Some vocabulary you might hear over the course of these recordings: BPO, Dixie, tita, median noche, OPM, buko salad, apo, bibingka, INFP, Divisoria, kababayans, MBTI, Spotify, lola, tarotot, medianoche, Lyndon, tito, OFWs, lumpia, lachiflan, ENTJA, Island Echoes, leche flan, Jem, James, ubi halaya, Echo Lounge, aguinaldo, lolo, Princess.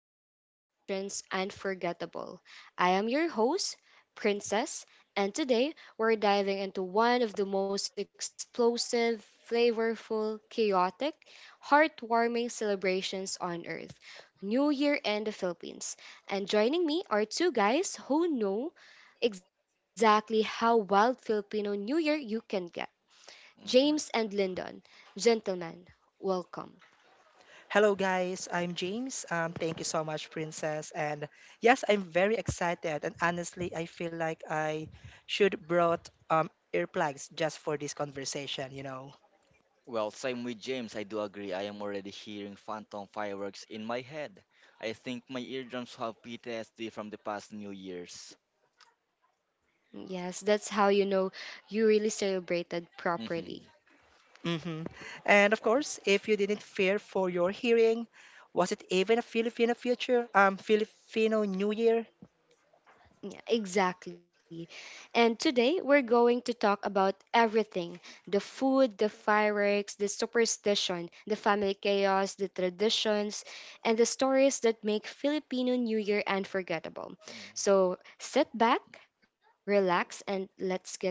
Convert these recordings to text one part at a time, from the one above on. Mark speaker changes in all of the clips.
Speaker 1: make celebrations unforgettable. I am your host, Princess, and today we're diving into one of the most explosive, flavorful, chaotic, heartwarming celebrations on earth. New Year in the Philippines. And joining me are two guys who know exactly how wild Filipino New Year you can get. James and
Speaker 2: Mhm.
Speaker 1: Lyndon, gentlemen, welcome.
Speaker 3: Hello, guys. I'm James. Thank you so much, Princess. And yes, I'm very excited. And honestly, I feel like I should brought earplugs just for this conversation.
Speaker 2: Well, same with James, I do agree. I am already hearing phantom fireworks in my head. I think my eardrums have PTSD from the past New Year's.
Speaker 1: Yes, that's how you know you really celebrated properly.
Speaker 2: Hmm.
Speaker 3: Hmm. And of course, if you didn't fear for your hearing, was it even a Filipino future? Filipino New Year?
Speaker 1: Yeah, exactly. And today we're going to talk about everything: the food, the fireworks, the superstition, the family chaos, the traditions, and the stories that make Filipino New Year unforgettable. So sit back, relax, and let's get into it.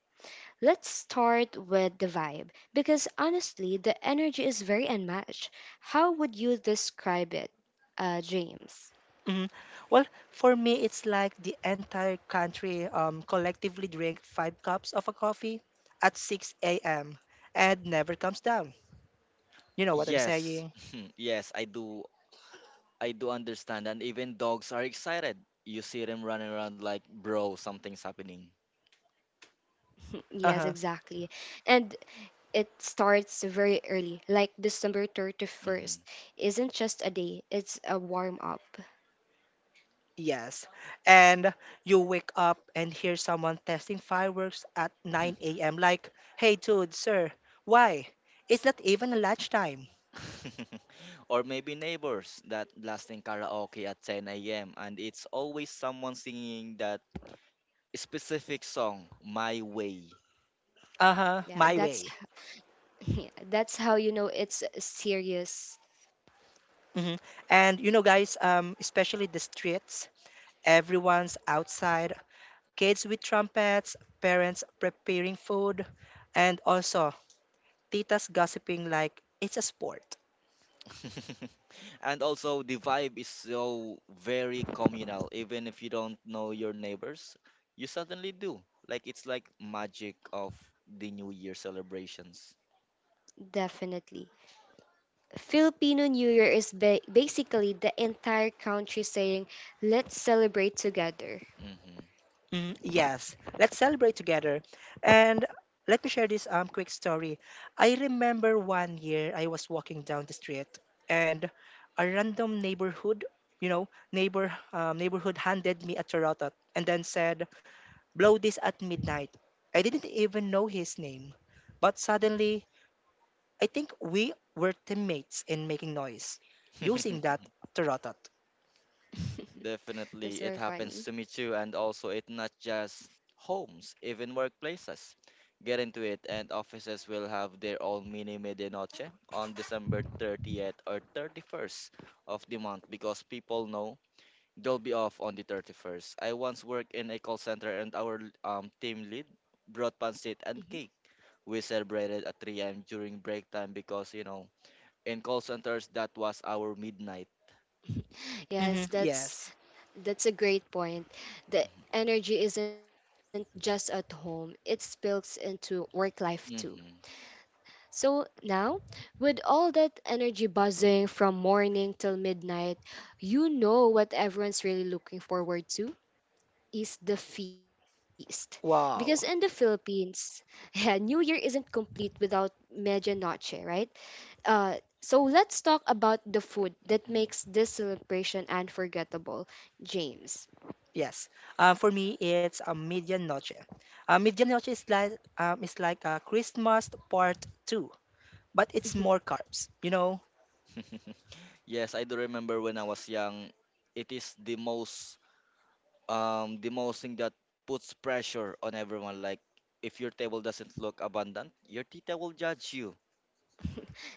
Speaker 1: Let's start with the vibe because honestly, the energy is very unmatched. How would you describe it, James?
Speaker 3: Hmm. Well, for me, it's like the entire country collectively drink five cups of a coffee at 6 a.m. and never comes down. You know what I'm
Speaker 2: Yes,
Speaker 3: saying?
Speaker 2: yes, I do. I do understand. And even dogs are excited. You see them running around like, bro, something's happening.
Speaker 1: Yes,
Speaker 3: Uh huh.
Speaker 1: exactly. And it starts very early, like December 31st
Speaker 2: Hmm.
Speaker 1: isn't just a day, it's a warm up.
Speaker 3: Yes. And you wake up and hear someone testing fireworks at 9 a.m. Like, hey, dude, sir, why? It's not even lunchtime.
Speaker 2: Or maybe neighbors that blasting karaoke at 10 a.m. and it's always someone singing that specific song, My Way.
Speaker 3: Uh
Speaker 1: Yeah,
Speaker 3: huh. My
Speaker 1: that's
Speaker 3: way.
Speaker 1: yeah, that's how you know it's serious,
Speaker 3: Hmm. And guys, especially the streets, everyone's outside, kids with trumpets, parents preparing food, and also titas gossiping like it's a sport.
Speaker 2: And also, the vibe is so very communal. Even if you don't know your neighbors, you suddenly do. Like it's like magic of the New Year celebrations.
Speaker 1: definitely. Filipino New Year is basically the entire country saying, "Let's celebrate together."
Speaker 2: Hmm.
Speaker 3: Mm, yes, let's celebrate together. And let me share this quick story. I remember one year I was walking down the street and a random neighborhood, neighbor neighborhood handed me a tarotot and then said, "Blow this at midnight." I didn't even know his name, but suddenly I think we were teammates in making noise using that tarotot.
Speaker 2: Definitely,
Speaker 1: That's
Speaker 2: it
Speaker 1: very
Speaker 2: happens to
Speaker 1: funny.
Speaker 2: me too. And also, it's not just homes, even workplaces. Get into it, and offices will have their own mini medianoche on December 30th or 31st of the month because people know. They'll be off on the 31st. I once worked in a call center and our team lead brought pancit
Speaker 1: Mhm.
Speaker 2: and cake. We celebrated at 3 a.m. during break time because, you know, in call centers, that was our midnight.
Speaker 3: Hmm,
Speaker 1: Yes,
Speaker 3: yes.
Speaker 1: that's a great point. The energy isn't just at home, it spills into work life too.
Speaker 2: Mm-hmm.
Speaker 1: So now, with all that energy buzzing from morning till midnight, you know what everyone's really looking forward to is the feast. Because in the
Speaker 3: Wow.
Speaker 1: Philippines, yeah, New Year isn't complete without medianoche, right? Uh, so let's talk about the food that
Speaker 2: Mm-hmm.
Speaker 1: makes this celebration unforgettable, James.
Speaker 3: Yes. For me, it's a median noche. Median noche is like a Christmas part two, but it's more carbs.
Speaker 2: Yes, I do remember when I was young, it is the most thing that puts pressure on everyone. Like if your table doesn't look abundant, your tita will judge you.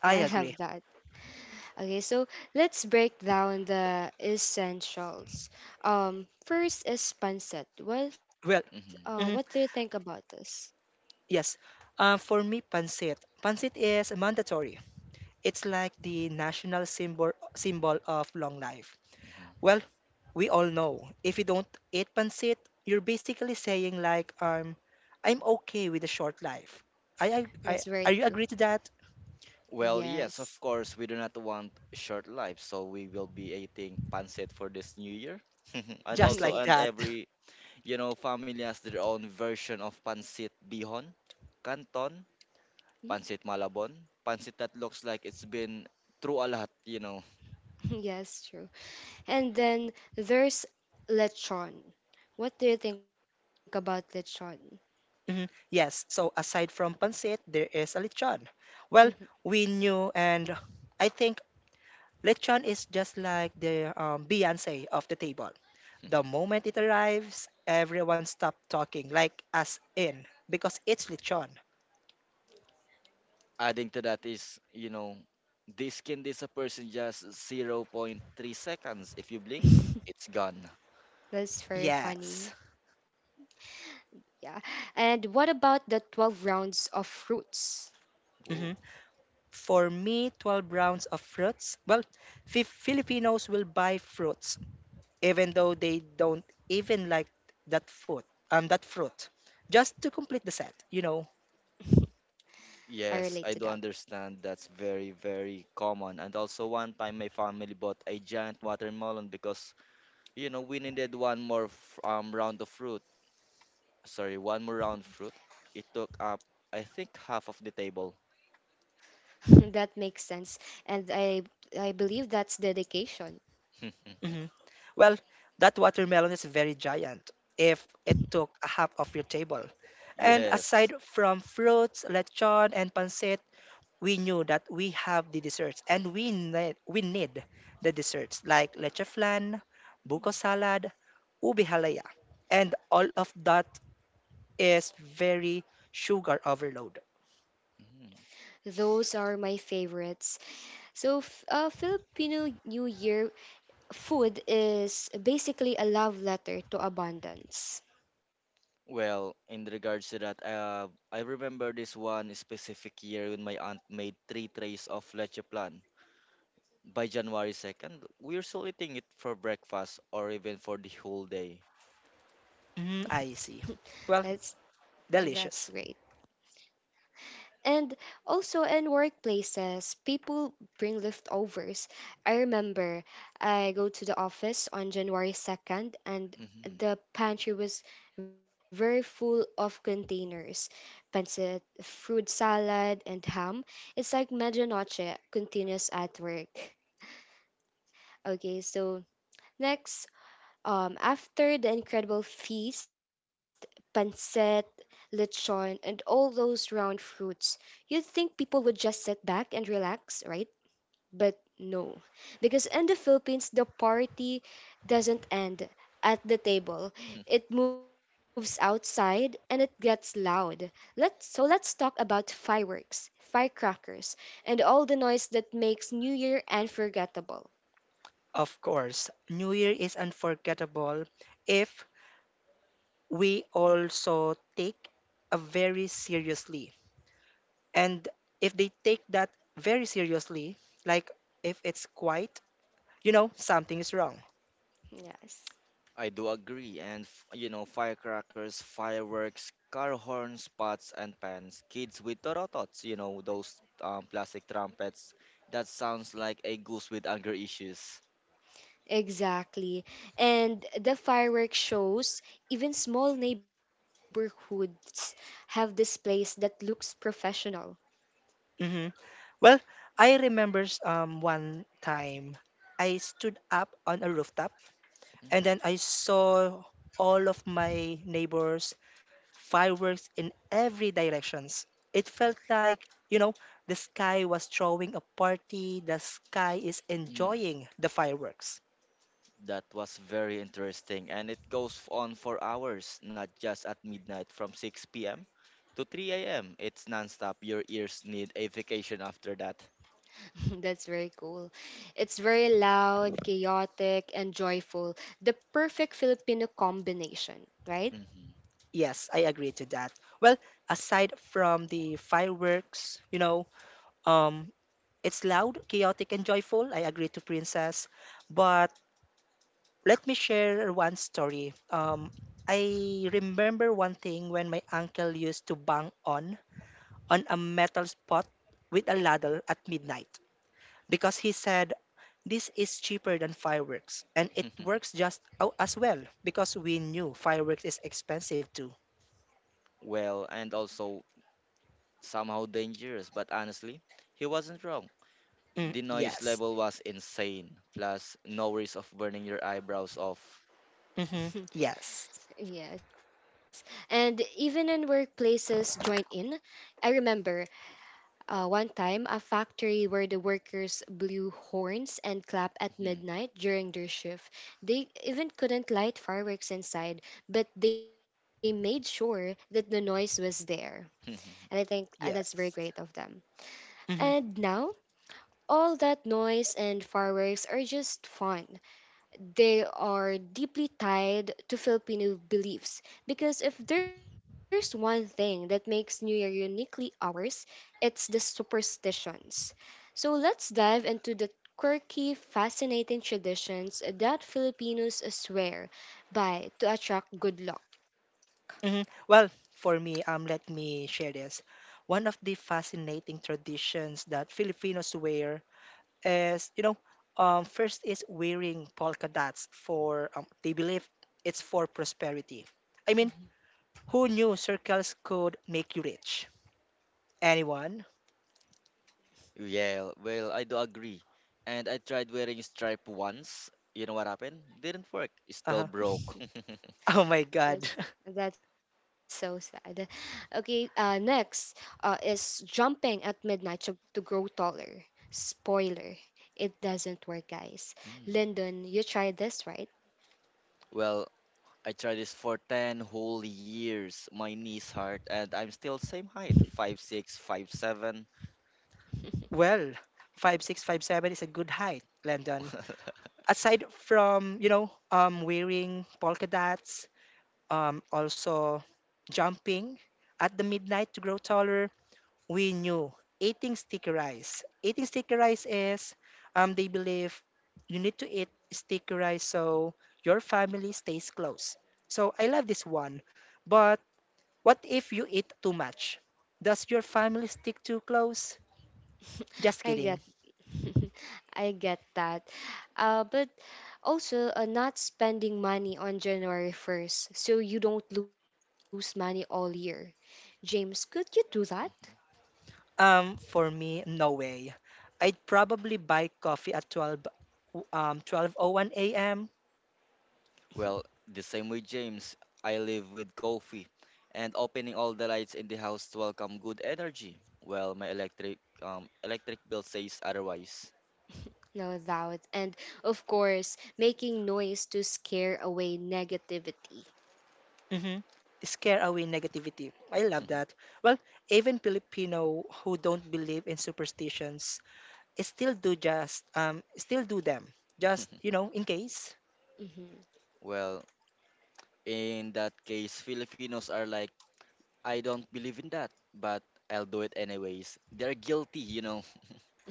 Speaker 3: I
Speaker 1: I
Speaker 3: agree.
Speaker 1: love that. Okay, so let's break down the essentials. First is pancit.
Speaker 3: Well,
Speaker 1: What do you
Speaker 2: Mm-hmm.
Speaker 1: think
Speaker 3: mhm,
Speaker 1: about this?
Speaker 3: yes. For me, pancit. Pancit is mandatory. It's like the national symbol of long life.
Speaker 2: Mm-hmm.
Speaker 3: Well, we all know if you don't eat pancit, you're basically saying like I'm okay with a short life. I, ag-
Speaker 1: That's
Speaker 3: I
Speaker 1: very
Speaker 3: are you
Speaker 1: true.
Speaker 3: agree to that?
Speaker 2: Well, yes, of
Speaker 1: Yes.
Speaker 2: course, we do not want short lives, so we will be eating pancit for this new year. And
Speaker 3: Just
Speaker 2: also,
Speaker 3: like
Speaker 2: and
Speaker 3: that.
Speaker 1: yes.
Speaker 2: every, you know, family has their own version of pancit bihon, canton, pancit malabon, pancit that looks like it's been through a lot.
Speaker 1: Yes, true. And then there's lechon. What do you think about lechon?
Speaker 3: Mhm. Yes, so aside from pancit, there is a lechon. Well,
Speaker 1: Mhm.
Speaker 3: we knew, and I think lechon is just like the Beyonce of the table. The moment it arrives, everyone stopped talking, like as in, because it's lechon.
Speaker 2: Adding to that is, this skin this a person just zero point 0.3 seconds. If you blink, it's gone.
Speaker 1: That's very
Speaker 3: Yes.
Speaker 1: funny. Yeah. And what about the 12 rounds of fruits?
Speaker 2: Whoa.
Speaker 3: Mhm. For me, 12 rounds of fruits. Well, Filipinos will buy fruits, even though they don't even like that food, that fruit, just to complete the set.
Speaker 1: I
Speaker 2: Yes,
Speaker 1: relate to
Speaker 2: I
Speaker 1: that.
Speaker 2: do understand. That's very, very common. And also, one time my family bought a giant watermelon because, you know, we needed one more round of fruit. Sorry, one more round fruit. It took up, I think, half of the table.
Speaker 1: That makes sense. And I believe that's dedication.
Speaker 3: Hmm. Well, that watermelon is very giant if it took a half of your table. And
Speaker 2: Yes.
Speaker 3: aside from fruits, lechon, and pancit, we knew that we have the desserts and we need the desserts like leche flan, buko salad, ubi halaya. And all of that is very sugar overload.
Speaker 2: Mhm.
Speaker 1: Those are my favorites. So, Filipino New Year food is basically a love letter to abundance.
Speaker 2: Well, in regards to that, I remember this one specific year when my aunt made three trays of leche plan. By January 2nd, we were still eating it for breakfast or even for the whole day.
Speaker 3: Mm, I see.
Speaker 1: that's
Speaker 3: Well,
Speaker 1: that's great.
Speaker 3: delicious.
Speaker 1: And also in workplaces, people bring leftovers. I remember I go to the office on January 2nd and the
Speaker 2: Mhm.
Speaker 1: pantry was very full of containers. Pancit, fruit salad, and ham. It's like medianoche continuous at work. Okay, so next, after the incredible feast, pancit, lechon, and all those round fruits, you'd think people would just sit back and relax, right? But no. Because in the Philippines, the party doesn't end at the table. It moves outside and it gets loud. So let's talk about fireworks, firecrackers, and all the noise that makes New Year unforgettable.
Speaker 3: Of course, New Year is unforgettable if we also take a very seriously. And if they take that very seriously, like if it's quiet, something is wrong.
Speaker 1: Yes.
Speaker 2: I do agree, and firecrackers, fireworks, car horns, pots, and pans. Kids with torotots, those plastic trumpets. That sounds like a goose with anger issues.
Speaker 1: Exactly. And the fireworks shows, even small neighborhoods have displays that looks professional.
Speaker 3: Hmm. Well, I remember one time I stood up on a rooftop
Speaker 2: Mm,
Speaker 3: and then I saw all of my neighbors fireworks in every directions. It felt like, the sky was throwing a party, the sky is
Speaker 2: mm.
Speaker 3: enjoying the fireworks.
Speaker 2: That was very interesting, and it goes on for hours, not just at midnight from 6 p.m. to 3 a.m. It's nonstop. Your ears need a vacation after that.
Speaker 1: That's very cool. It's very loud, chaotic, and joyful. The perfect Filipino combination, right?
Speaker 2: Mhm.
Speaker 3: Yes, I agree to that. Well, aside from the fireworks, um, it's loud, chaotic, and joyful. I agree to Princess. But let me share one story. I remember one thing when my uncle used to bang on a metal pot with a ladle at midnight because he said this is cheaper than fireworks and it works just as well because we knew fireworks is expensive too.
Speaker 2: Well, and also somehow dangerous, but honestly, he wasn't wrong.
Speaker 3: Mm,
Speaker 2: The noise
Speaker 3: yes.
Speaker 2: level was insane, plus no risk of burning your eyebrows off.
Speaker 3: Mm-hmm. Yes.
Speaker 1: Yes. And even in workplaces join in. I remember one time a factory where the workers blew horns and clapped at
Speaker 2: Mhm.
Speaker 1: midnight during their shift. They even couldn't light fireworks inside, but they made sure that the noise was there. And I think that's very
Speaker 3: Yes.
Speaker 1: great of them.
Speaker 3: Mm-hmm.
Speaker 1: And now, all that noise and fireworks are just fun they are deeply tied to Filipino beliefs because if there's one thing that makes New Year uniquely ours, it's the superstitions. So let's dive into the quirky, fascinating traditions that Filipinos swear by to attract good luck.
Speaker 3: Hmm. Well, for me, let me share this. One of the fascinating traditions that Filipinos wear is, first is wearing polka dots for, they believe it's for prosperity. I mean,
Speaker 1: Mm-hmm.
Speaker 3: who knew circles could make you rich? Anyone?
Speaker 2: Yeah, well, I do agree. And I tried wearing stripe once. You know what happened? Didn't work. It's still
Speaker 3: Uh-huh.
Speaker 2: broke.
Speaker 3: Oh my God.
Speaker 1: That's that's so sad. Okay, next is jumping at midnight to grow taller. Spoiler, it doesn't work, guys.
Speaker 2: Mm.
Speaker 1: Lyndon, you tried this, right?
Speaker 2: Well, I tried this for 10 whole years. My knees hurt and I'm still same height, 5'6", 5'7".
Speaker 3: Well, five six five seven is a good height, Landon. Aside from, wearing polka dots, also jumping at the midnight to grow taller, we knew eating sticky rice. Eating sticky rice is, they believe you need to eat sticky rice so your family stays close. So I love this one. But what if you eat too much? Does your family stick too close? Just
Speaker 1: I
Speaker 3: kidding.
Speaker 1: get, I get that. But also, not spending money on January 1st so you don't lose money all year. James, could you do that?
Speaker 3: For me, no way. I'd probably buy coffee at 12:01 a.m.
Speaker 2: Well, the same with James, I live with coffee and opening all the lights in the house to welcome good energy. Well, my electric bill says otherwise.
Speaker 1: No doubt. And of course, making noise to scare away negativity.
Speaker 3: Hmm. Scare away negativity. I love that. Well, even Filipino who don't believe in superstitions still do them. Just in case.
Speaker 1: Mhm.
Speaker 2: Well, in that case, Filipinos are like, I don't believe in that, but I'll do it anyways. They're guilty.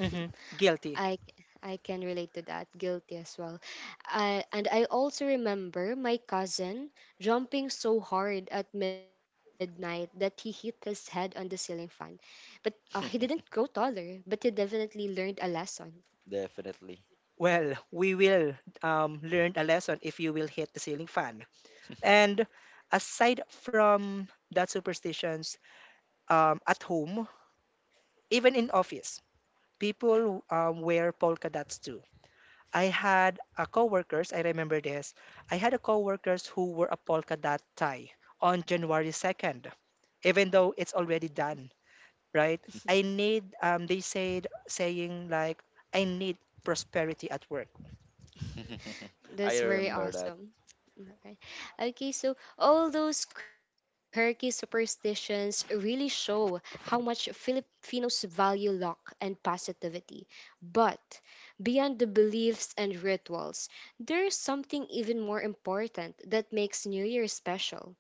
Speaker 3: Hmm. Guilty.
Speaker 1: I I can relate to that. Guilty as well. And I also remember my cousin jumping so hard at midnight that he hit his head on the ceiling fan. But He didn't grow taller, but he definitely learned a lesson.
Speaker 2: Definitely.
Speaker 3: Well, we will learn a lesson if you will hit the ceiling fan. And aside from that superstitions, at home, even in office, people wear polka dots too. I had a coworkers, I remember this. I had a coworkers who were a polka dot tie on January 2nd, even though it's already done, right? I need they said saying like I need prosperity at work.
Speaker 2: I
Speaker 1: That's very
Speaker 2: remember that.
Speaker 1: awesome. Alright. Okay, so all those quirky superstitions really show how much Filipinos value luck and positivity. But beyond the beliefs and rituals, there is something even more important that makes New Year special.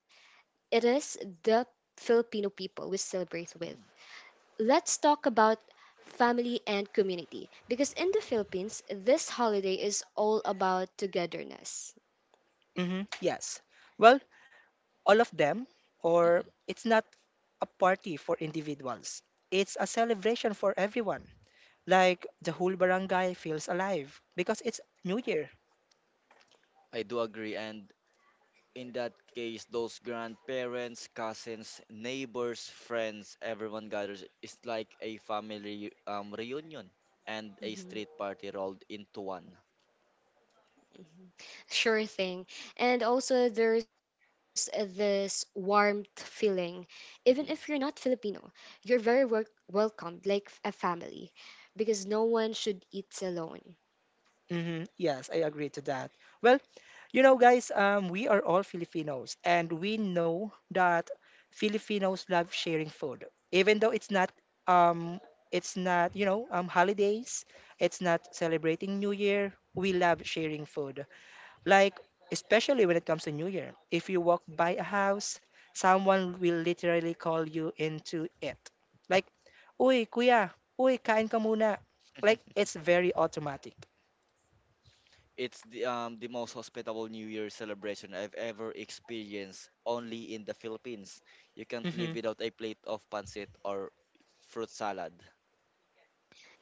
Speaker 1: It is the Filipino people we celebrate with.
Speaker 2: Mm.
Speaker 1: Let's talk about family and community because in the Philippines, this holiday is all about togetherness.
Speaker 3: Mm-hmm. Yes. Well, all of them,
Speaker 2: Mhm.
Speaker 3: or it's not a party for individuals. It's a celebration for everyone. Like the whole barangay feels alive because it's New Year.
Speaker 2: I do agree, and in that case, those grandparents, cousins, neighbors, friends, everyone gathers. It's like a family reunion and a
Speaker 1: Mhm,
Speaker 2: street party rolled into one.
Speaker 1: mhm. Sure thing. And also, there's this warmth feeling. Even if you're
Speaker 2: Hmm.
Speaker 1: not Filipino, you're very welcomed like a family because no one should eat alone.
Speaker 3: Hmm. Yes, I agree to that. Well, guys, we are all Filipinos, and we
Speaker 2: Hmm.
Speaker 3: know that Filipinos love sharing food, even though um, it's not holidays, it's not celebrating New Year. We love sharing food, like especially when it comes to New Year. If you walk by a house, someone will literally call you into it, like, "Uy, kuya, uy, kain ka muna." Like it's very automatic.
Speaker 2: It's the most hospitable New Year celebration I've ever experienced, only in the Philippines. You can't
Speaker 3: Mm-hmm.
Speaker 2: live without a plate of pancit or fruit salad.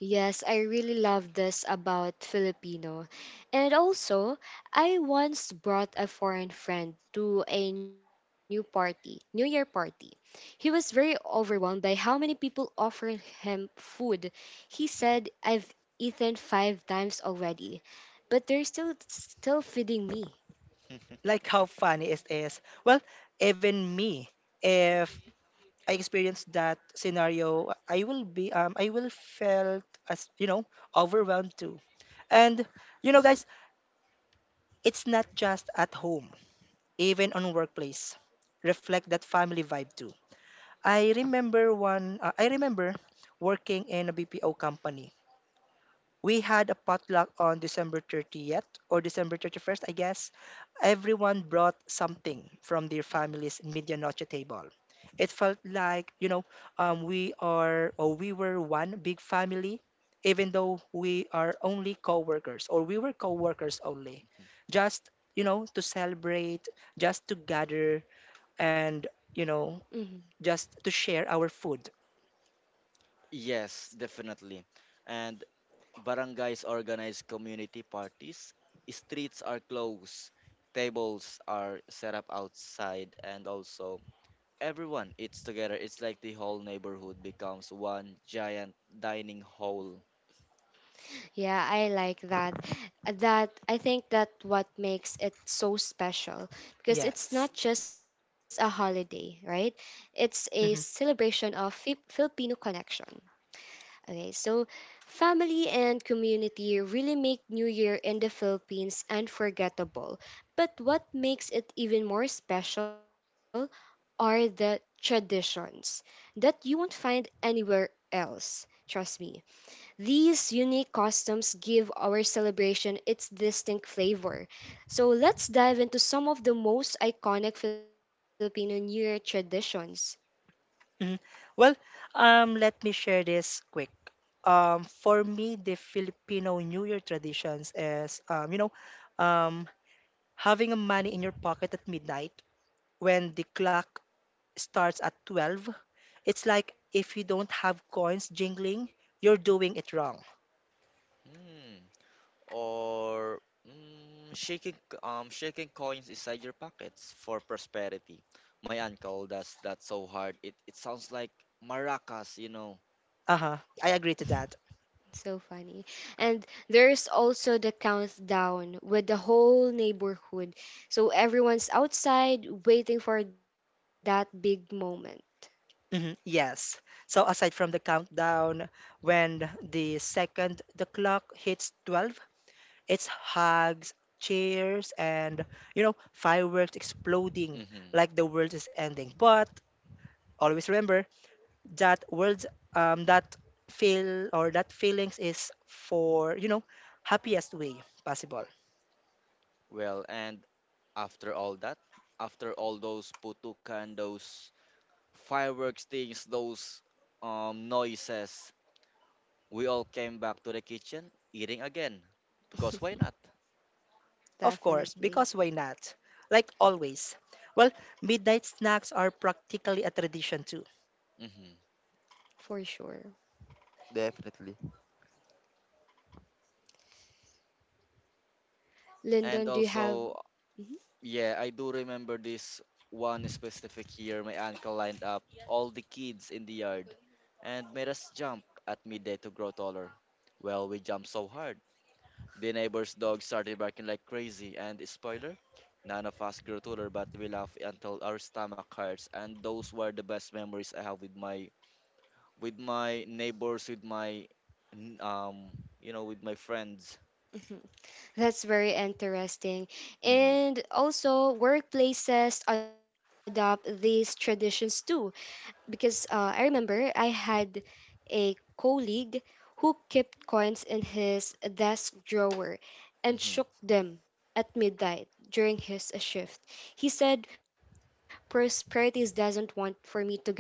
Speaker 1: Yes, I really love this about Filipino. And also, I once brought a foreign friend to a new party, New Year party. He was very overwhelmed by how many people offered him food. He said, "I've eaten five times already, but they're still feeding me."
Speaker 3: Like how funny it is. Well, even me, if I experience that scenario, I will felt as overwhelmed too. And guys, it's not just at home, even on workplace, reflect that family vibe too. I remember one. I remember working in a BPO company. We had a potluck on December 30th or December 31st, I guess. Everyone brought something from their family's medianoche table. It felt like, we are or we were one big family, even though we are only co-workers or we were co-workers only. Just, to celebrate, just to gather and, you
Speaker 1: Mhm.
Speaker 3: know, just to share our food.
Speaker 2: Yes, definitely. And Barangays organize community parties. Streets are closed. Tables are set up outside, and also everyone eats together. It's like the whole neighborhood becomes one giant dining hall.
Speaker 1: Yeah, I like that. That I think that what makes it so special because it's
Speaker 3: Yes.
Speaker 1: not just a holiday, right? It's a
Speaker 3: Mm-hmm.
Speaker 1: celebration of Filipino connection. Okay, so family and community really make New Year in the Philippines unforgettable. But what makes it even more special are the traditions that you won't find anywhere else. Trust me. These unique customs give our celebration its distinct flavor. So let's dive into some of the most iconic Filipino New Year traditions.
Speaker 3: Mhm. Well, let me share this quick. For me, the Filipino New Year traditions is, um, having a money in your pocket at midnight when the clock starts at 12. It's like if you don't have coins jingling, you're doing it wrong.
Speaker 2: Hmm. Or shaking coins inside your pockets for prosperity. My uncle does that so hard. It sounds like maracas.
Speaker 3: Uh-huh. I agree to that.
Speaker 1: So funny. And there's also the countdown with the whole neighborhood. So everyone's outside waiting for that big moment.
Speaker 3: Hmm. Yes. So aside from the countdown, when the second the clock hits 12, it's hugs, cheers, and fireworks exploding
Speaker 2: Hmm.
Speaker 3: like the world is ending. But always remember that words that feel or that feelings is for, happiest way possible.
Speaker 2: Well, and after all that, after all those putukan, those fireworks things, those noises, we all came back to the kitchen eating again. Because why not?
Speaker 3: Of course,
Speaker 1: Definitely.
Speaker 3: because why not? Like always. Well, midnight snacks are practically a tradition too.
Speaker 2: Hmm.
Speaker 1: For sure.
Speaker 2: Definitely. And
Speaker 1: Lyndon, do you have.
Speaker 2: also,
Speaker 1: Mhm,
Speaker 2: yeah, I do remember this one specific year my uncle lined up all the kids in the yard and made us jump at midday to grow taller. Well, we jumped so hard. The neighbor's dog started barking like crazy, and spoiler, none of us grew taller, but we laughed until our stomach hurts. And those were the best memories I have with my neighbors, with my with my friends.
Speaker 1: mhm. That's very interesting.
Speaker 2: Mhm.
Speaker 1: And also, workplaces adopt these traditions too. Because I remember I had a colleague who kept coins in his desk drawer and
Speaker 2: Mhm.
Speaker 1: shook them at midnight during his shift. He said, Prosperities doesn't want for me to get home.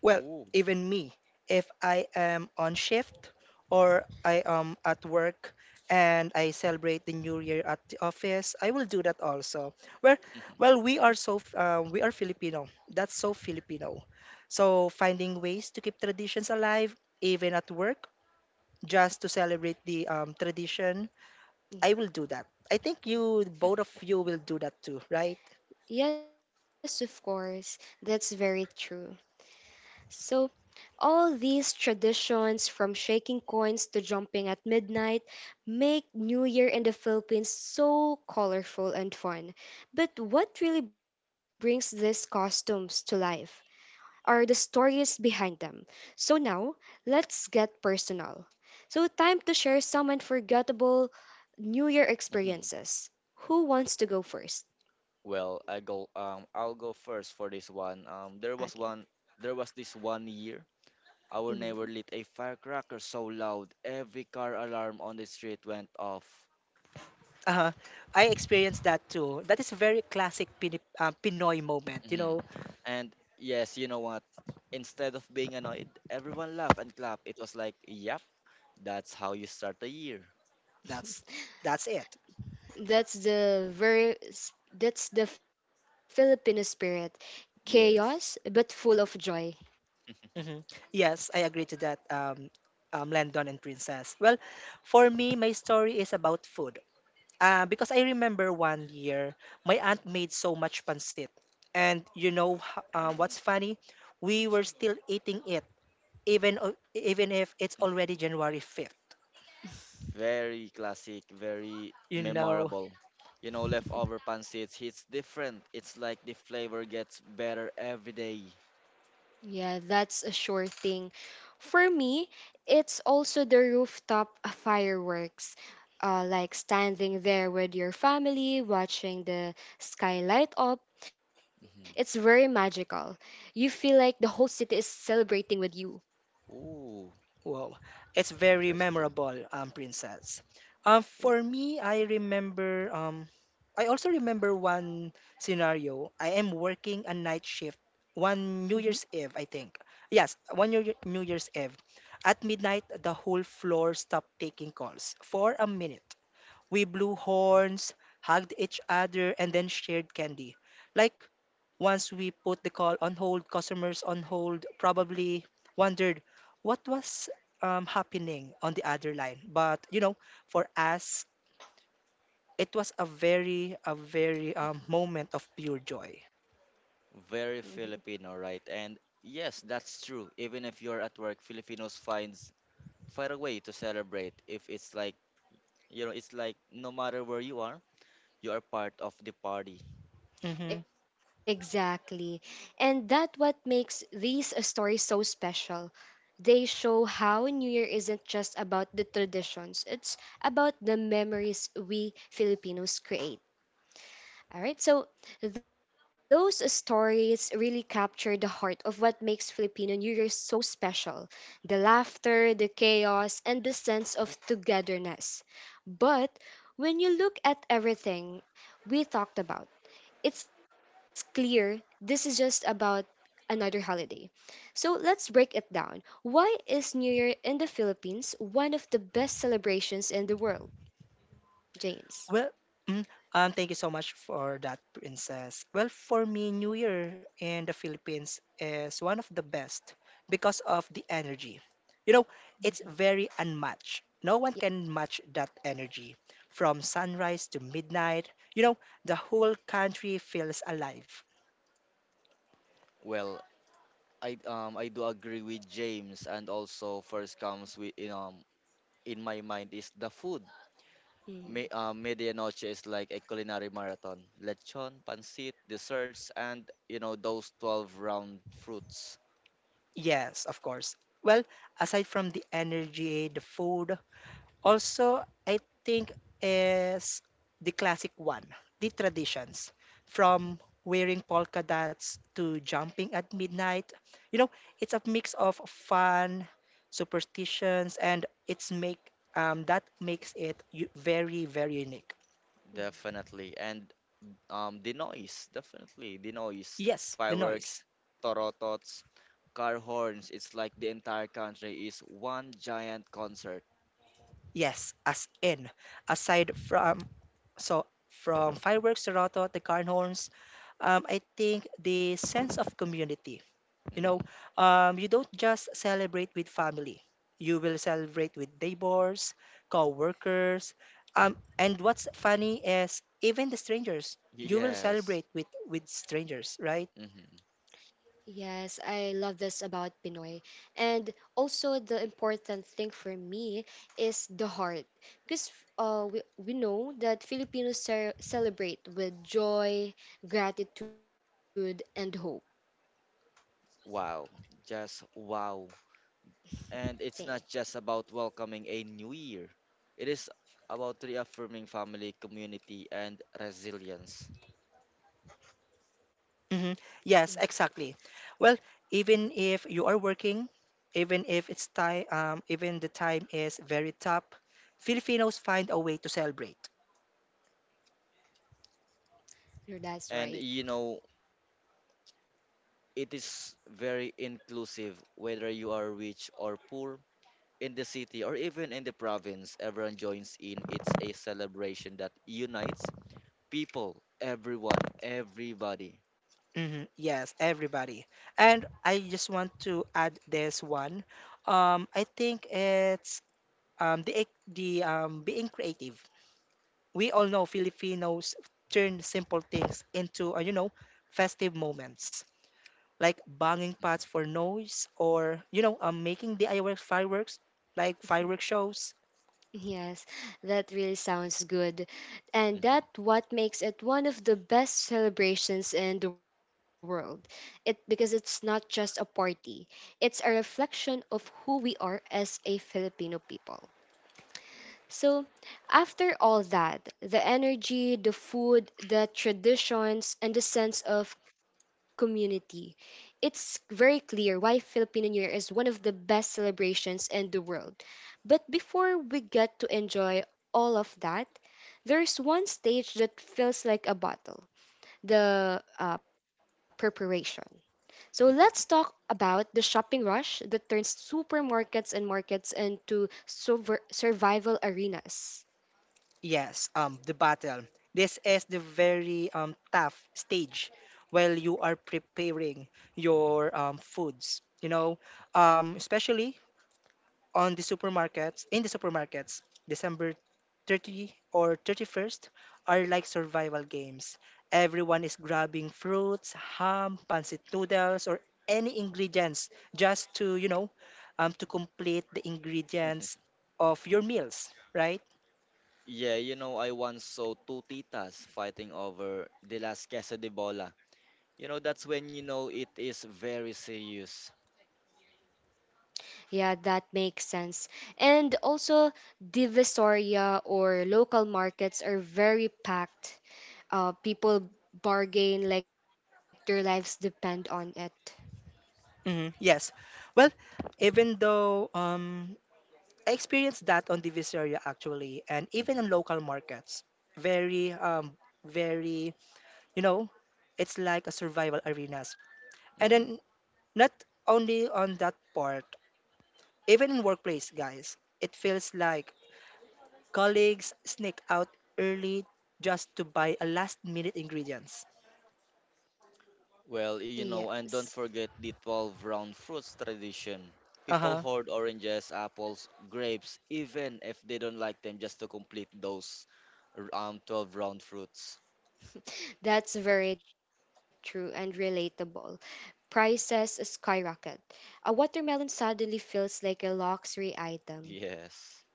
Speaker 3: Well,
Speaker 2: Ooh.
Speaker 3: even me, if I am on shift or I am at work and I celebrate the new year at the office, I will do that also. Well, well, we are Filipino. That's so Filipino. So finding ways to keep traditions alive even at work just to celebrate the tradition,
Speaker 1: Yeah.
Speaker 3: I will do that. I think you both of you will do that too, right?
Speaker 1: Yes, of course. That's very true. So, all these traditions, from shaking coins to jumping at midnight, make New Year in the Philippines so colorful and fun. But what really brings these costumes to life are the stories behind them. So now, let's get personal. So, time to share some unforgettable New Year
Speaker 2: Mhm.
Speaker 1: experiences. Who wants to go first?
Speaker 2: Well, I'll go first for this one.
Speaker 1: Again.
Speaker 2: There was this one year our
Speaker 1: Mm-hmm.
Speaker 2: neighbor lit a firecracker so loud every car alarm on the street went off.
Speaker 3: Uh, I experienced that too. That is a very classic Pinoy moment
Speaker 2: Hmm. And yes, you know what? Instead of being annoyed, everyone laughed and clapped. It was like, yep, that's how you start the year.
Speaker 3: That's that's it.
Speaker 1: That's the that's the Filipino spirit. Chaos but
Speaker 2: Yes.
Speaker 1: full of joy.
Speaker 3: Hmm. Yes, I agree to that, Landon and Princess. Well, for me, my story is about food. Because I remember one year, my aunt made so much pancit. And you know what's funny? We were still eating it, even if it's already January 5th.
Speaker 2: Very classic, very
Speaker 3: You know,
Speaker 2: memorable. Leftover pancits hits different. It's like the flavor gets better every day.
Speaker 1: Yeah, that's a sure thing. For me, it's also the rooftop fireworks. Like standing there with your family watching the sky light up. It's very
Speaker 2: Mhm.
Speaker 1: magical. You feel like the whole city is celebrating with you.
Speaker 2: Ooh,
Speaker 3: Wow, it's very
Speaker 2: interesting.
Speaker 3: memorable, Princess. For me, I also remember one scenario. I am working a night shift
Speaker 1: Mhm,
Speaker 3: one New Year's Eve, I think. Yes, one New Year's Eve. At midnight, the whole floor stopped taking calls for a minute. We blew horns, hugged each other, and then shared candy. Like once we put the call on hold, customers on hold probably wondered what was happening on the other line. But for us, it was a very moment of pure joy.
Speaker 1: mhm.
Speaker 2: Very Filipino, right? And yes, that's true. Even if you're at work, Filipinos find a way to celebrate if it's like no matter where you are part of the party.
Speaker 3: Hmm.
Speaker 1: Exactly. And that what makes these stories so special. They show how New Year isn't just about the traditions, it's about the memories we Filipinos create. All right, so those stories really capture the heart of what makes Filipino New Year so special: the laughter, the chaos, and the sense of togetherness. But when you look at everything we talked about, it's clear this is just about another holiday. So let's break it down. Why is New Year in the Philippines one of the best celebrations in the world, James?
Speaker 3: Well, mm, thank you so much for that, Princess. Well, for me, New Year in the Philippines is one of the best because of the energy. You know, it's
Speaker 1: Mhm.
Speaker 3: very unmatched. No one can match that energy. From sunrise to midnight, the whole country feels alive.
Speaker 2: Well, I do agree with James, and also first comes with in my mind is the food. Me,
Speaker 1: Mhm,
Speaker 2: medianoche is like a culinary marathon. Lechon, pancit, desserts, and those 12 round fruits.
Speaker 3: Yes, of course. Well, aside from the energy, the food. Also, I think is the classic one, the traditions
Speaker 2: Hmm.
Speaker 3: from wearing polka dots to jumping at midnight. You know, it's a mix of fun, superstitions, and it's make that makes it very, very unique.
Speaker 1: mhm.
Speaker 2: Definitely, and the noise, definitely the noise,
Speaker 3: Yes, the noise.
Speaker 2: fireworks, torotots, car horns. It's like the entire country is one giant concert.
Speaker 3: Yes, as in, aside from fireworks to Roto to Carn Horns, I think the sense of community. You know,
Speaker 2: Mm,
Speaker 3: you don't just celebrate with family. You will celebrate with neighbors, co-workers, and what's funny is even the strangers. You will
Speaker 2: yes.
Speaker 3: celebrate with strangers, right?
Speaker 2: Hmm.
Speaker 1: Yes, I love this about Pinoy. And also the important thing for me is the heart. Because we know that Filipinos celebrate with joy, gratitude, and hope.
Speaker 2: Wow. Just wow. And it's
Speaker 1: Okay.
Speaker 2: not just about welcoming a new year, it is about reaffirming family, community, and resilience.
Speaker 3: hmm
Speaker 1: Mm,
Speaker 3: Yes, exactly. Well, even if you are working, even if it's time, even the time is very tough, Filipinos find a way to celebrate.
Speaker 1: that's
Speaker 2: And
Speaker 1: right.
Speaker 2: you know, it is very inclusive, whether you are rich or poor, in the city or even in the province, everyone joins in. It's a celebration that unites people, everyone, everybody.
Speaker 3: Yes, everybody. And I just want to add this one. I think it's the ec- the being creative. We all know Filipinos turn simple things into you know, festive moments, like banging pots for noise, or you know, making DIY fireworks, like fireworks shows.
Speaker 1: Yes, that really sounds good. And
Speaker 2: Hmm.
Speaker 1: that what makes it one of the best celebrations in the world. It because it's not just a party. It's a reflection of who we are as a Filipino people. So, after all that, the energy, the food, the traditions, and the sense of community, it's very clear why Filipino New Year is one of the best celebrations in the world. But before we get to enjoy all of that, there's one stage that feels like a bottle, the preparation. So let's talk about the shopping rush that turns supermarkets and markets into survival arenas.
Speaker 3: Yes, the battle. This is the very tough stage while you are preparing your foods. You know, especially on the supermarkets, in the supermarkets, December 30th or 31st are like survival games. Everyone is grabbing fruits, ham, pancit noodles, or any ingredients just to, you know, to complete the ingredients of your meals, right?
Speaker 2: Yeah, I once saw two titas fighting over the last queso de bola. That's when you know it is very serious.
Speaker 1: Yeah, that makes sense. And also, Divisoria or local markets are very packed. People bargain like their lives depend on it.
Speaker 3: Mhm, yes. Well, even though I experienced that on the Visaria actually, and even in
Speaker 2: Hmm.
Speaker 3: local markets, very, very, you know, it's like a survival arenas. And then
Speaker 2: Hmm.
Speaker 3: not only on that part, even in workplace, guys, it feels like colleagues sneak out early just to buy a last minute ingredients.
Speaker 2: Well,
Speaker 1: Yes,
Speaker 2: and don't forget the 12 round fruits tradition. People
Speaker 3: Uh-huh.
Speaker 2: hoard oranges, apples, grapes, even if they don't like them, just to complete those 12 round fruits.
Speaker 1: that's very true and relatable. Prices skyrocket. A watermelon suddenly feels like a luxury item.
Speaker 2: Yes.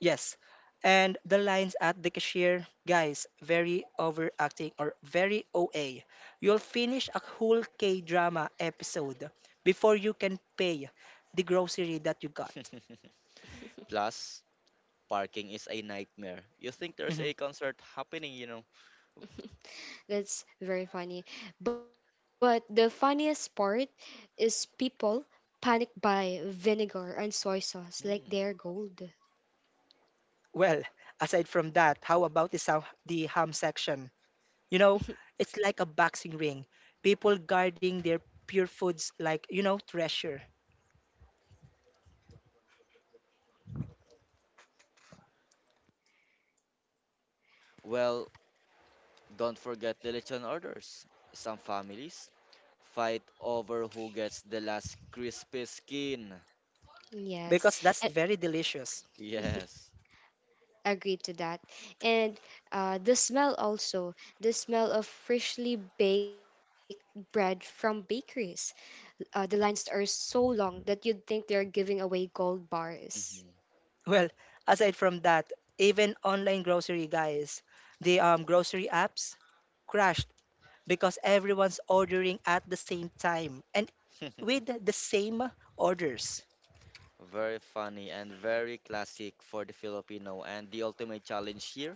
Speaker 3: Yes. And the lines at the cashier, guys, very overacting or very OA. You'll finish a whole K drama episode before you can pay the grocery that you got.
Speaker 2: Plus, parking is a nightmare. You think there's
Speaker 3: Mhm.
Speaker 2: a concert happening.
Speaker 1: That's very funny. But the funniest part is people panic buy vinegar and soy sauce like
Speaker 2: Hmm.
Speaker 1: they're gold.
Speaker 3: Well, aside from that, how about the, ham section? You know, it's like a boxing ring. People guarding their pure foods like, you know, treasure,
Speaker 2: Well, don't forget the lechon orders. Some families fight over who gets the last crispy skin.
Speaker 1: Yes,
Speaker 3: because that's
Speaker 1: and
Speaker 3: very delicious.
Speaker 2: Yes.
Speaker 1: agree to that. And the smell also, the smell of freshly baked bread from bakeries. The lines are so long that you'd think they're giving away gold bars.
Speaker 2: Mhm.
Speaker 3: Well, aside from that, even online grocery guys, the grocery apps crashed because everyone's ordering at the same time and with the same orders.
Speaker 2: Very funny and very classic for the Filipino. And the ultimate challenge here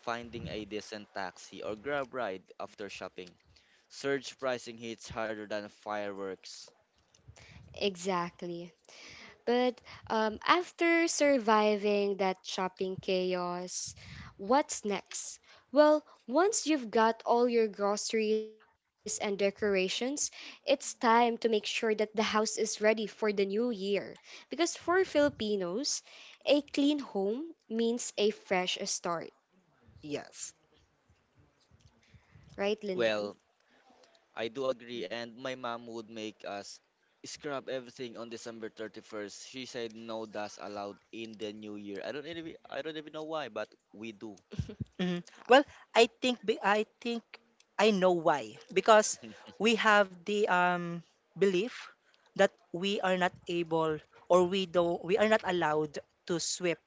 Speaker 2: finding a decent taxi or grab ride after shopping. Surge pricing hits harder than fireworks.
Speaker 1: Exactly. But after surviving that shopping chaos, what's next? Well, once you've got all your groceries and decorations, it's time to make sure that the house is ready for the new year. Because for Filipinos, a clean home means a fresh start,
Speaker 3: Yes.
Speaker 1: right,
Speaker 2: Well,
Speaker 1: Lyndon?
Speaker 2: I do agree, and my mom would make us scrub everything on December 31st. She said no dust allowed in the new year. I don't even know why, but we do.
Speaker 1: Mhm.
Speaker 3: Mhm. Well, I think I know why. Because we have the belief that we are not able or we are not allowed to sweep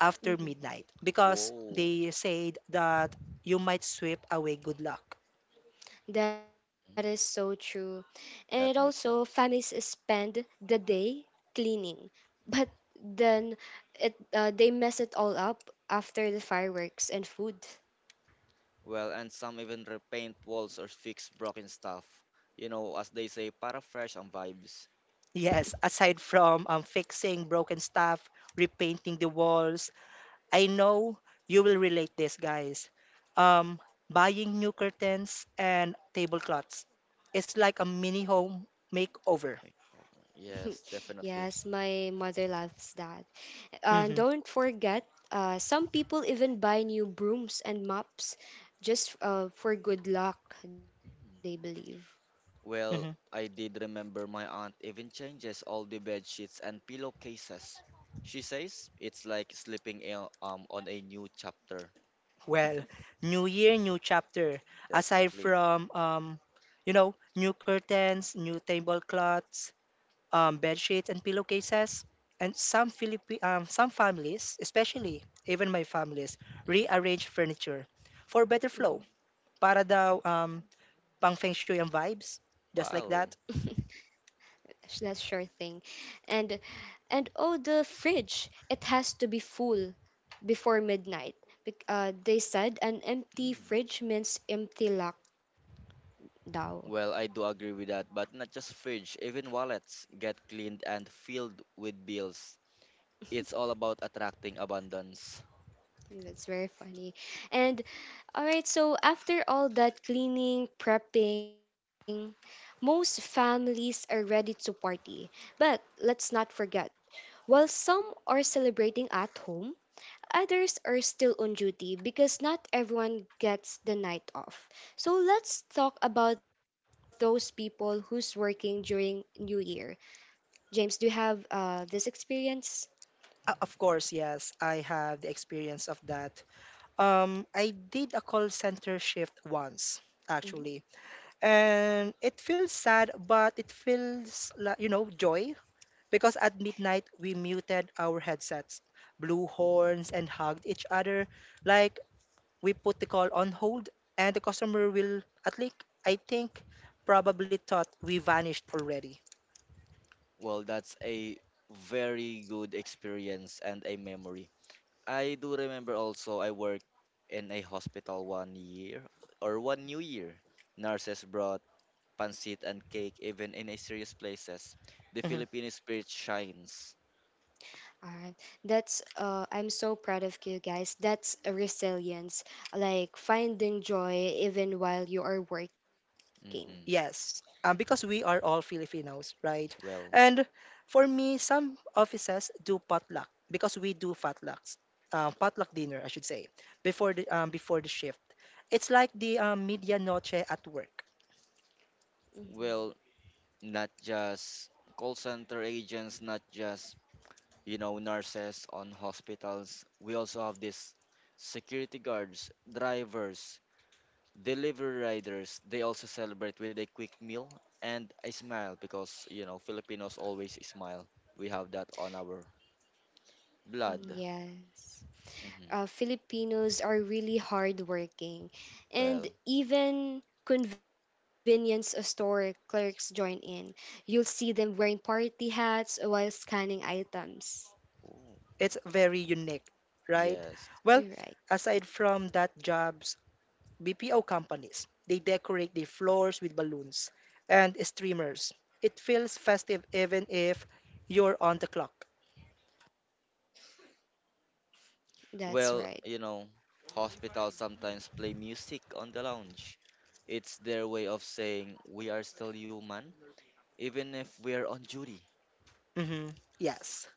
Speaker 3: after midnight, because
Speaker 2: Whoa.
Speaker 3: they said that you might sweep away good luck.
Speaker 1: That is so
Speaker 2: Mm,
Speaker 1: true. And also,
Speaker 2: that makes
Speaker 1: families
Speaker 2: sense.
Speaker 1: spend the day cleaning, but then it they mess it all up after the fireworks and food.
Speaker 2: Well, and some even repaint walls or fix broken stuff. You know, as they say, para fresh on vibes.
Speaker 3: Yes, aside from fixing broken stuff, repainting the walls, I know you will relate this, guys. Um, buying new curtains and tablecloths. It's like a mini home makeover.
Speaker 2: Like, oh, yes, definitely.
Speaker 1: yes, my mother loves that. And
Speaker 3: hmm
Speaker 1: don't forget, some people even buy new brooms and mops just for good luck, they believe.
Speaker 2: Mm. Well,
Speaker 3: hmm
Speaker 2: I did remember my aunt even changes all the bed sheets and pillowcases. She says it's like sleeping on a new chapter.
Speaker 3: Well, new year, new chapter. Aside
Speaker 2: Definitely.
Speaker 3: from you know, new curtains, new tablecloths, bed sheets and pillowcases. And some some families, especially even my families,
Speaker 2: Hmm.
Speaker 3: rearrange furniture for better flow.
Speaker 1: Mhm.
Speaker 3: Para daw pang feng shui ang vibes, just like that.
Speaker 2: Wow.
Speaker 1: That's sure thing. And and oh, the fridge. It has to be full before midnight. They said an empty
Speaker 2: Mm.
Speaker 1: fridge means empty luck daw.
Speaker 2: Well, I do agree with that, but not just fridge, even wallets get cleaned and filled with bills. It's all about attracting abundance.
Speaker 1: That's very funny. And all right, so after all that cleaning, prepping, most families are ready to party. But let's not forget, while some are celebrating at home, others are still on duty because not everyone gets the night off. So let's talk about those people who's working during New Year. James, do you have this experience?
Speaker 3: Of course, yes, I have the experience of that. I did a call center shift once,
Speaker 1: Mhm.
Speaker 3: actually, and it feels sad, but it feels like you know joy. Because at midnight, we muted our headsets, blew
Speaker 2: Mm.
Speaker 3: horns, and hugged each other like we put the call on hold, and the customer will, at least, I think, probably thought we vanished already.
Speaker 2: Well, that's a very good experience and a memory. I do remember also I worked in a hospital one year or one new year. Nurses brought pancit and cake even in a serious places. The
Speaker 3: Mhm.
Speaker 2: Filipino spirit shines.
Speaker 1: All right. That's I'm so proud of you guys. That's a resilience, like finding joy even while you are working.
Speaker 2: Hmm.
Speaker 3: Yes, because we are all Filipinos, right?
Speaker 2: Well,
Speaker 3: And for me, some offices do potluck because we do potluck dinner, I should say, before the shift. It's like the media noche at work.
Speaker 1: Mhm.
Speaker 2: well, not just call center agents, not just nurses on hospitals. We also have this security guards, drivers, delivery riders, they also celebrate with a quick meal and a smile because, Filipinos always smile. We have that on our
Speaker 1: Mm,
Speaker 2: blood.
Speaker 1: yes,
Speaker 2: Hmm.
Speaker 1: Filipinos are really hardworking, and
Speaker 2: Well.
Speaker 1: even convenience store clerks join in. You'll see them wearing party hats while scanning items.
Speaker 2: Oh.
Speaker 3: It's very unique, right?
Speaker 2: Yes.
Speaker 3: Well,
Speaker 1: Right,
Speaker 3: aside from that jobs, BPO companies, they decorate the floors with balloons and streamers. It feels festive even if you're on the clock.
Speaker 1: that's
Speaker 2: Well,
Speaker 1: right.
Speaker 2: hospitals sometimes play music on the lounge. It's their way of saying we are still human, even if we are on duty.
Speaker 3: hmm Yes,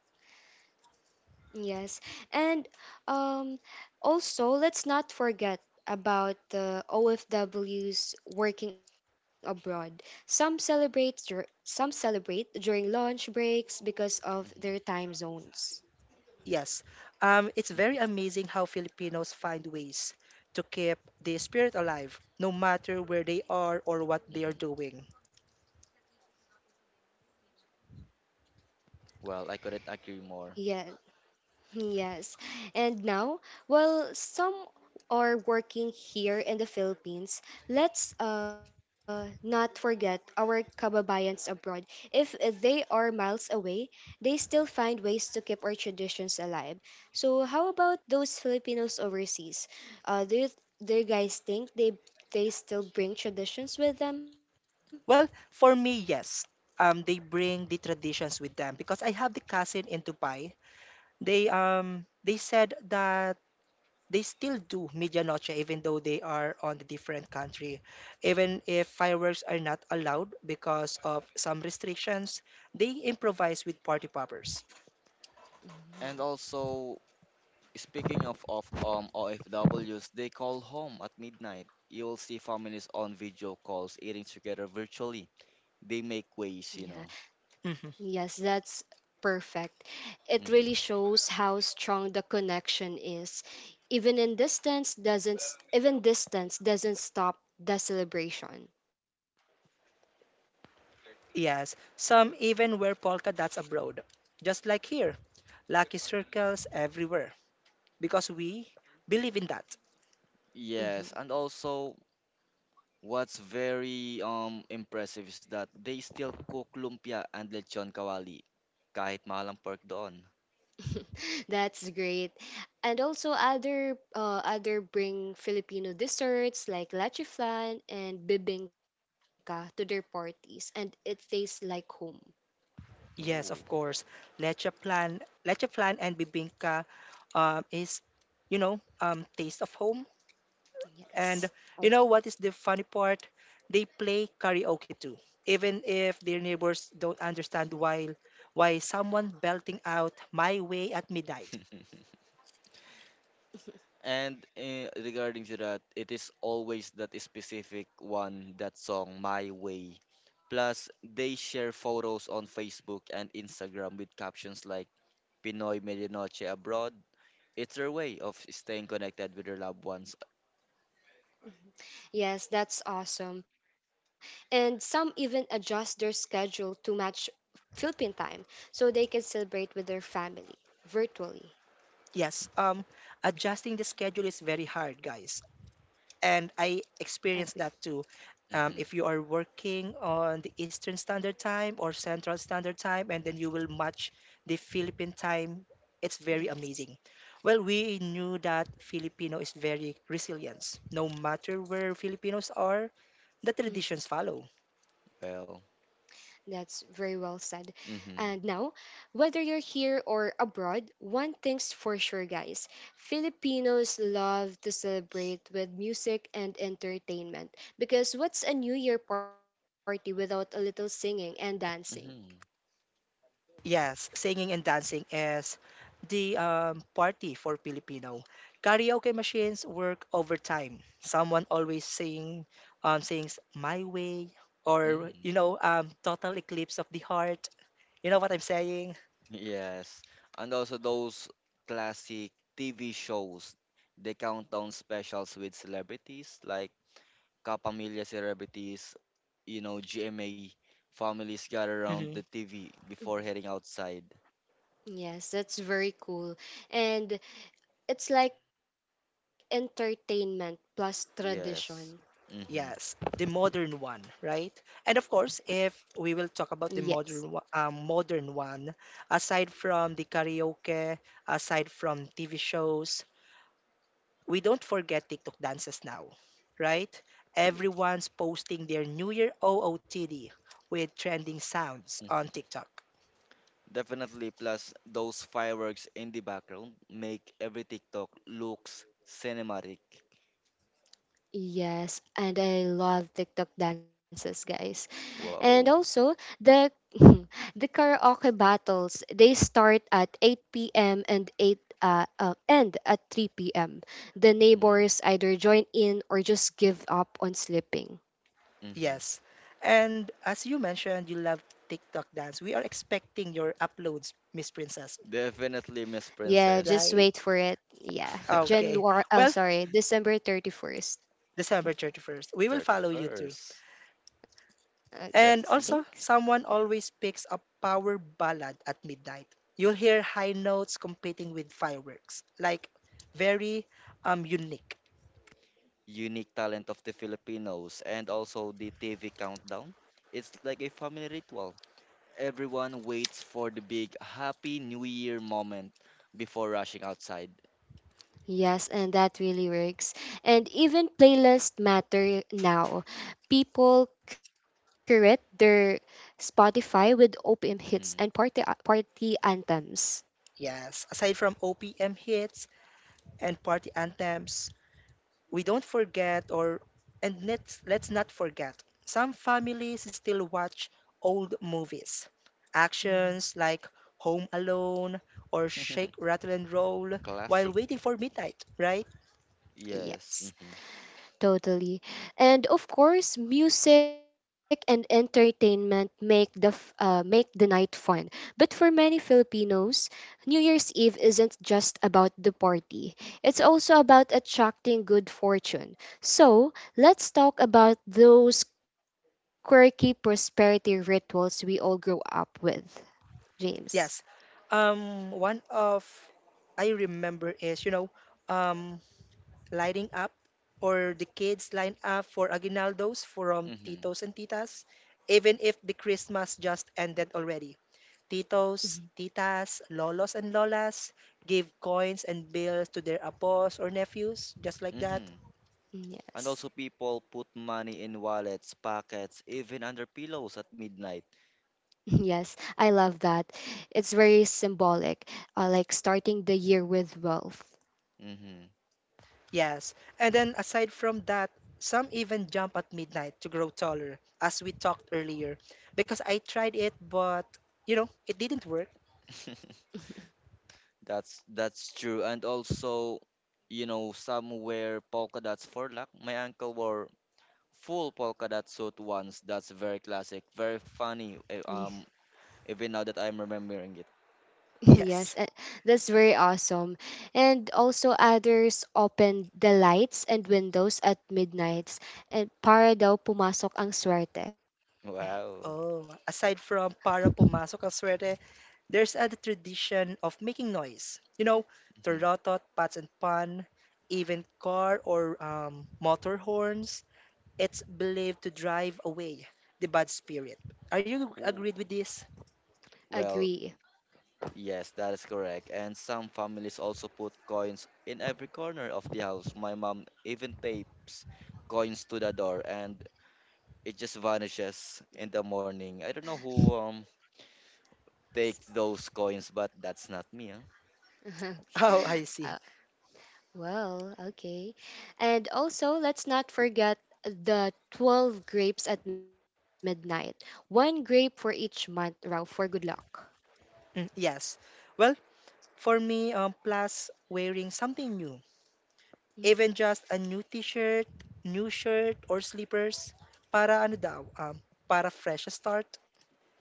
Speaker 1: Yes, and um, also let's not forget about the OFWs working abroad. Some celebrate during lunch breaks because of their
Speaker 2: Hmm.
Speaker 1: time zones.
Speaker 3: yes. It's very
Speaker 2: Hmm.
Speaker 3: amazing how Filipinos find ways to keep the spirit alive, no matter where they are or what they are
Speaker 2: Hmm.
Speaker 3: doing.
Speaker 2: Well, I couldn't agree more.
Speaker 1: Yes. Yes. And now, while some are working here in the Philippines, let's not forget our kababayans abroad. If they are miles away, they still find ways to keep our traditions alive. So, how about those Filipinos overseas? Uh, do, you, do you guys think they still bring traditions with them?
Speaker 3: Well, for me, yes. They bring the traditions with them because I have the cousin in Dubai. They said that they still do medianoche even though they are on a different country. Even if fireworks are not allowed because of some restrictions, they improvise with party poppers.
Speaker 1: Mm,
Speaker 2: And also, speaking of OFWs, they call home at midnight. You'll see families on video calls eating together virtually. They make
Speaker 1: yeah.
Speaker 2: ways.
Speaker 3: Mhm.
Speaker 1: Yes, that's perfect. It really
Speaker 2: Hmm.
Speaker 1: shows how strong the connection is. Even distance doesn't stop the celebration.
Speaker 3: Yes, some even wear polka dots abroad, just like here. Lucky circles everywhere because we believe in that.
Speaker 1: Mhm.
Speaker 2: Yes, and also what's very impressive is that they still cook lumpia and lechon kawali kahit mahalang pork doon.
Speaker 1: That's great. And also other other bring Filipino desserts like lachiflan and bibingka to their parties and it tastes like home.
Speaker 3: Yes, of
Speaker 2: Ooh.
Speaker 3: course. Leche plan, leche plan and bibingka is you know, taste of home. And
Speaker 1: Yes, I
Speaker 3: you know
Speaker 1: agree.
Speaker 3: what is the funny part? They play karaoke too, even if their neighbors don't understand why someone belting out "My Way" at midnight.
Speaker 2: And regarding to that, it is always that specific one, that song, My Way. Plus, they share photos on Facebook and Instagram with captions like Pinoy Medianoche Abroad. It's their way of staying connected with their loved ones.
Speaker 1: Yes, that's awesome. And some even adjust their schedule to match Philippine time so they can celebrate with their family virtually.
Speaker 3: Yes, adjusting the schedule is very hard, guys, and I experienced
Speaker 1: Agree.
Speaker 3: that too.
Speaker 2: Hmm.
Speaker 3: If you are working on the Eastern Standard Time or Central Standard Time, and then you will match the Philippine time, it's very
Speaker 1: Yes.
Speaker 3: amazing. Well, we knew that Filipino is very resilient. No matter where Filipinos are, the
Speaker 1: Mhm.
Speaker 3: traditions follow.
Speaker 2: Well.
Speaker 1: That's very well said. And now,
Speaker 2: Hmm.
Speaker 1: whether you're here or abroad, one thing's for sure, guys, Filipinos love to celebrate with music and entertainment because what's a New Year party without a little singing and dancing?
Speaker 2: Hmm.
Speaker 3: Yes, singing and dancing is the party for Filipino. Karaoke machines work overtime. Someone always sings "My Way" or you
Speaker 2: Mm.
Speaker 3: know, "Total Eclipse of the Heart." You know what I'm saying?
Speaker 2: Yes. And also those classic TV shows, the countdown specials with celebrities like Kapamilya celebrities, GMA families gather around
Speaker 3: hmm
Speaker 2: the TV before heading outside.
Speaker 1: Yes, that's very cool. And it's like entertainment plus tradition.
Speaker 2: Yes. Mm-hmm.
Speaker 3: Yes, the modern one, right? And of course, if
Speaker 1: Yes.
Speaker 3: we will talk about the modern modern one, aside from the karaoke, aside from TV shows, we don't forget TikTok dances now, right? Everyone's posting their New Year OOTD with trending sounds on TikTok.
Speaker 2: Definitely. Plus, those fireworks in the background make every TikTok looks cinematic.
Speaker 1: Yes, and I love TikTok dances, guys. And also
Speaker 2: Wow.
Speaker 1: the the karaoke battles, they start at 8 p.m. and 8 uh, uh, end at 3 p.m. The neighbors
Speaker 2: Mm-hmm.
Speaker 1: either join in or just give up on sleeping.
Speaker 2: Mm-hmm.
Speaker 3: Yes. And as you mentioned, you love TikTok dance. We are expecting your uploads, Miss Princess,
Speaker 2: Definitely, Miss
Speaker 1: Yeah, just
Speaker 2: Princess.
Speaker 1: wait
Speaker 3: right?
Speaker 1: for it. Yeah.
Speaker 3: Okay. Well,
Speaker 1: December 31st.
Speaker 3: December 31st. We will follow you too.
Speaker 2: 31st.
Speaker 1: Okay.
Speaker 2: Let's
Speaker 3: And
Speaker 1: Thanks.
Speaker 2: see.
Speaker 3: also, someone always picks a power ballad at midnight. You'll hear high notes competing with fireworks, like very unique.
Speaker 2: Unique talent of the Filipinos and also the TV countdown. It's like a family ritual. Everyone waits for the big Happy New Year moment before rushing outside.
Speaker 1: Yes, and that really works. And even playlists matter now. People curate their Spotify with OPM
Speaker 2: Hmm.
Speaker 1: hits and party anthems.
Speaker 3: Yes, aside from OPM hits and party anthems, we don't forget or and let's not forget, some families still watch old movies.
Speaker 1: Mhm.
Speaker 3: Actions like Home Alone or Shake Rattle and Roll while
Speaker 2: Classic.
Speaker 3: waiting for midnight, right?
Speaker 2: Yes.
Speaker 1: Yes.
Speaker 2: Hmm.
Speaker 1: Totally. And of course, music and entertainment make the night fun. But for many Filipinos, New Year's Eve isn't just about the party. It's also about attracting good fortune. So, let's talk about those quirky prosperity rituals we all grow up with. James.
Speaker 3: Yes. One of I remember is, you know, um lining up, or the kids line up for aguinaldos from
Speaker 2: Hmm.
Speaker 3: titos and titas, even if the Christmas just ended already. Titos,
Speaker 1: Mhm.
Speaker 3: titas, lolos and lolas give coins and bills to their apos or nephews, just like that.
Speaker 2: Hmm. And
Speaker 1: Yes.
Speaker 2: also, people put money in wallets, pockets, even under pillows at midnight.
Speaker 1: Yes, I love that. It's very symbolic, like starting the year with wealth.
Speaker 2: Hmm.
Speaker 3: Yes. And then aside from that, some even jump at midnight to grow taller, as we talked earlier. Because I tried it, but you know, it didn't work.
Speaker 2: That's true. And also, some wear polka dots for luck. My uncle wore full polka dot suit once. That's very classic, very
Speaker 1: Ye-
Speaker 2: funny. Even now that I'm remembering it.
Speaker 1: Yes,
Speaker 3: Yes.
Speaker 1: that's very awesome. And also, others opened the lights and windows at midnights and para daw pumasok ang swerte.
Speaker 2: Wow.
Speaker 3: Oh, aside from para pumasok ang swerte, there's a tradition of making noise. You know,
Speaker 2: Mhm.
Speaker 3: tarotot, pats and pan, even car or motor horns. It's believed to drive away the bad spirit. Are you
Speaker 2: Ooh.
Speaker 3: agreed with this?
Speaker 2: Well,
Speaker 1: Agree.
Speaker 2: yes, that is correct. And some families also put coins in every corner of the house. My mom even tapes coins to the door and it just vanishes in the morning. I don't know who takes those coins, but that's not me, huh?
Speaker 3: Oh, I see.
Speaker 1: Uh, well, okay. And also, let's not forget the 12 grapes at midnight. One grape for each month, Rao, for good luck.
Speaker 3: Mm, yes. Well, for me, plus wearing something new,
Speaker 1: Mhm.
Speaker 3: even just a new t-shirt, new shirt or slippers, para ano daw, para fresh start.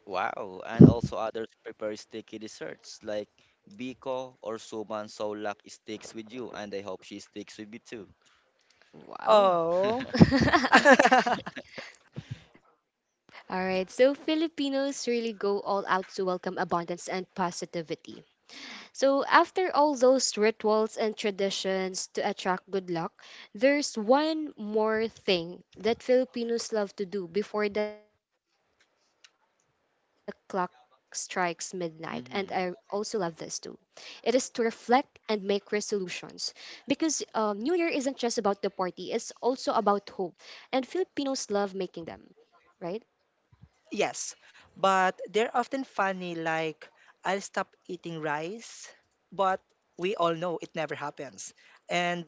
Speaker 2: Wow. And also others prepare sticky desserts like Biko or Suman so luck sticks with you and I hope she sticks with me too.
Speaker 1: Wow.
Speaker 3: Oh.
Speaker 1: All right, so Filipinos really go all out to welcome abundance and positivity. So, after all those rituals and traditions to attract good luck, there's one more thing that Filipinos love to do before the clock strikes midnight, and I also love this too. It is to
Speaker 2: Mm-hmm.
Speaker 1: reflect and make resolutions because New Year isn't just about the party, it's also about hope, and Filipinos love making them, right?
Speaker 3: Yes, but they're often funny, like, I'll stop eating rice, but we all know it never happens. And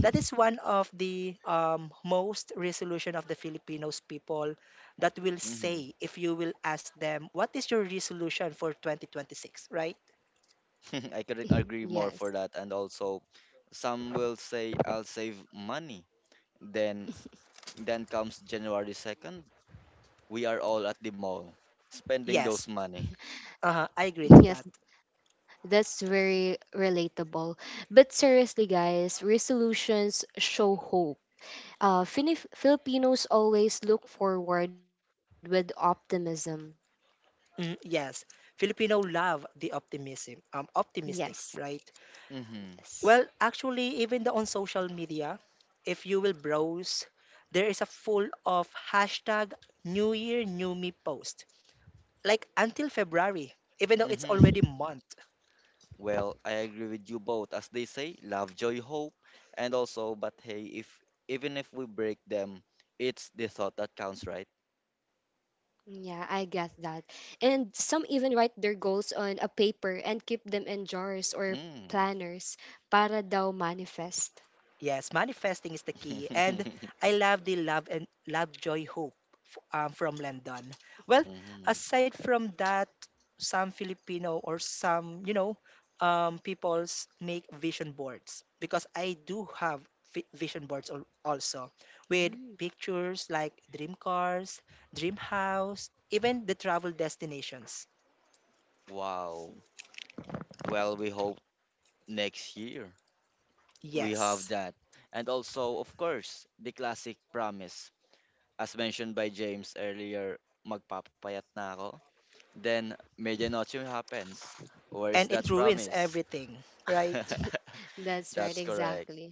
Speaker 3: that is one of the most resolution of the Filipinos people that will
Speaker 2: Mm-hmm.
Speaker 3: say if you will ask them, what is your resolution for 2026, right?
Speaker 2: I couldn't agree more
Speaker 1: Yes.
Speaker 2: for that. And also, some will say I'll save money. Then, then comes January 2nd. We are all at the mall, spending those
Speaker 3: Yes,
Speaker 2: money.
Speaker 3: uh-huh, I agree
Speaker 1: Yes,
Speaker 3: to that.
Speaker 1: that's very relatable. But seriously, guys, resolutions show hope. Filipinos always look forward with optimism.
Speaker 3: Mm, yes, Filipino love the optimism, optimistic,
Speaker 1: Yes,
Speaker 3: right?
Speaker 2: Mm-hmm.
Speaker 1: yes.
Speaker 3: Well, actually, even the on social media, if you will browse, there is a full of hashtag New Year New Me post. Like until February, even though it's
Speaker 2: Mm-hmm.
Speaker 3: already month.
Speaker 2: Well, I agree with you both. As they say, love, joy, hope, and also, but hey, if even if we break them, it's the thought that counts, right?
Speaker 1: Yeah, I get that. And some even write their goals on a paper and keep them in jars or
Speaker 2: Mm.
Speaker 1: planners para daw manifest.
Speaker 3: Yes, manifesting is the key, and I love the love and love joy hope from London. Well,
Speaker 2: Mm-hmm.
Speaker 3: aside from that, some Filipino or some you know peoples make vision boards because I do have vision boards al- also with
Speaker 1: Mm.
Speaker 3: pictures like dream cars, dream house, even the travel destinations.
Speaker 2: Wow. Well, we hope next year. We have
Speaker 3: Yes,
Speaker 2: that. And also, of course, the classic promise. As mentioned by James earlier, magpapapayat na ako. Then, medianoche happens. Where's
Speaker 3: and it
Speaker 2: that
Speaker 3: ruins
Speaker 2: promise?
Speaker 3: everything, right?
Speaker 1: That's right,
Speaker 2: That's correct.
Speaker 1: exactly.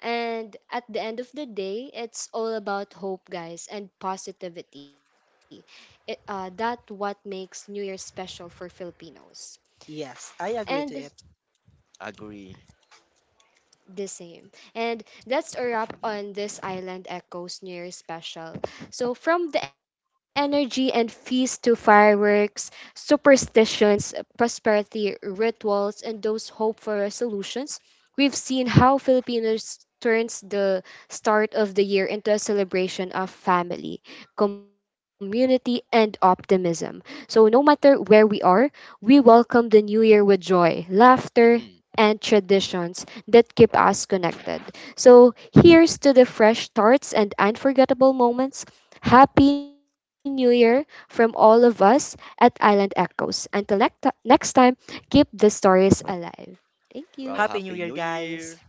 Speaker 1: And at the end of the day, it's all about hope, guys, and positivity. That what makes New Year special for Filipinos.
Speaker 3: Yes, I agree to it.
Speaker 1: And
Speaker 2: Agree.
Speaker 1: the same. And that's a wrap on this Island Echoes New Year special. So, from the energy and feast to fireworks, superstitions, prosperity, rituals, and those hope for resolutions, we've seen how Filipinos turns the start of the year into a celebration of family, community, and optimism. So, no matter where we are, we welcome the new year with joy, laughter,
Speaker 2: Mhm.
Speaker 1: and traditions that keep us connected. So here's to the fresh starts and unforgettable moments. Happy New Year from all of us at Island Echoes. Until next time, keep the stories alive. Thank you.
Speaker 2: Well,
Speaker 3: Happy New
Speaker 2: Happy
Speaker 3: Year,
Speaker 2: New Year.
Speaker 3: guys.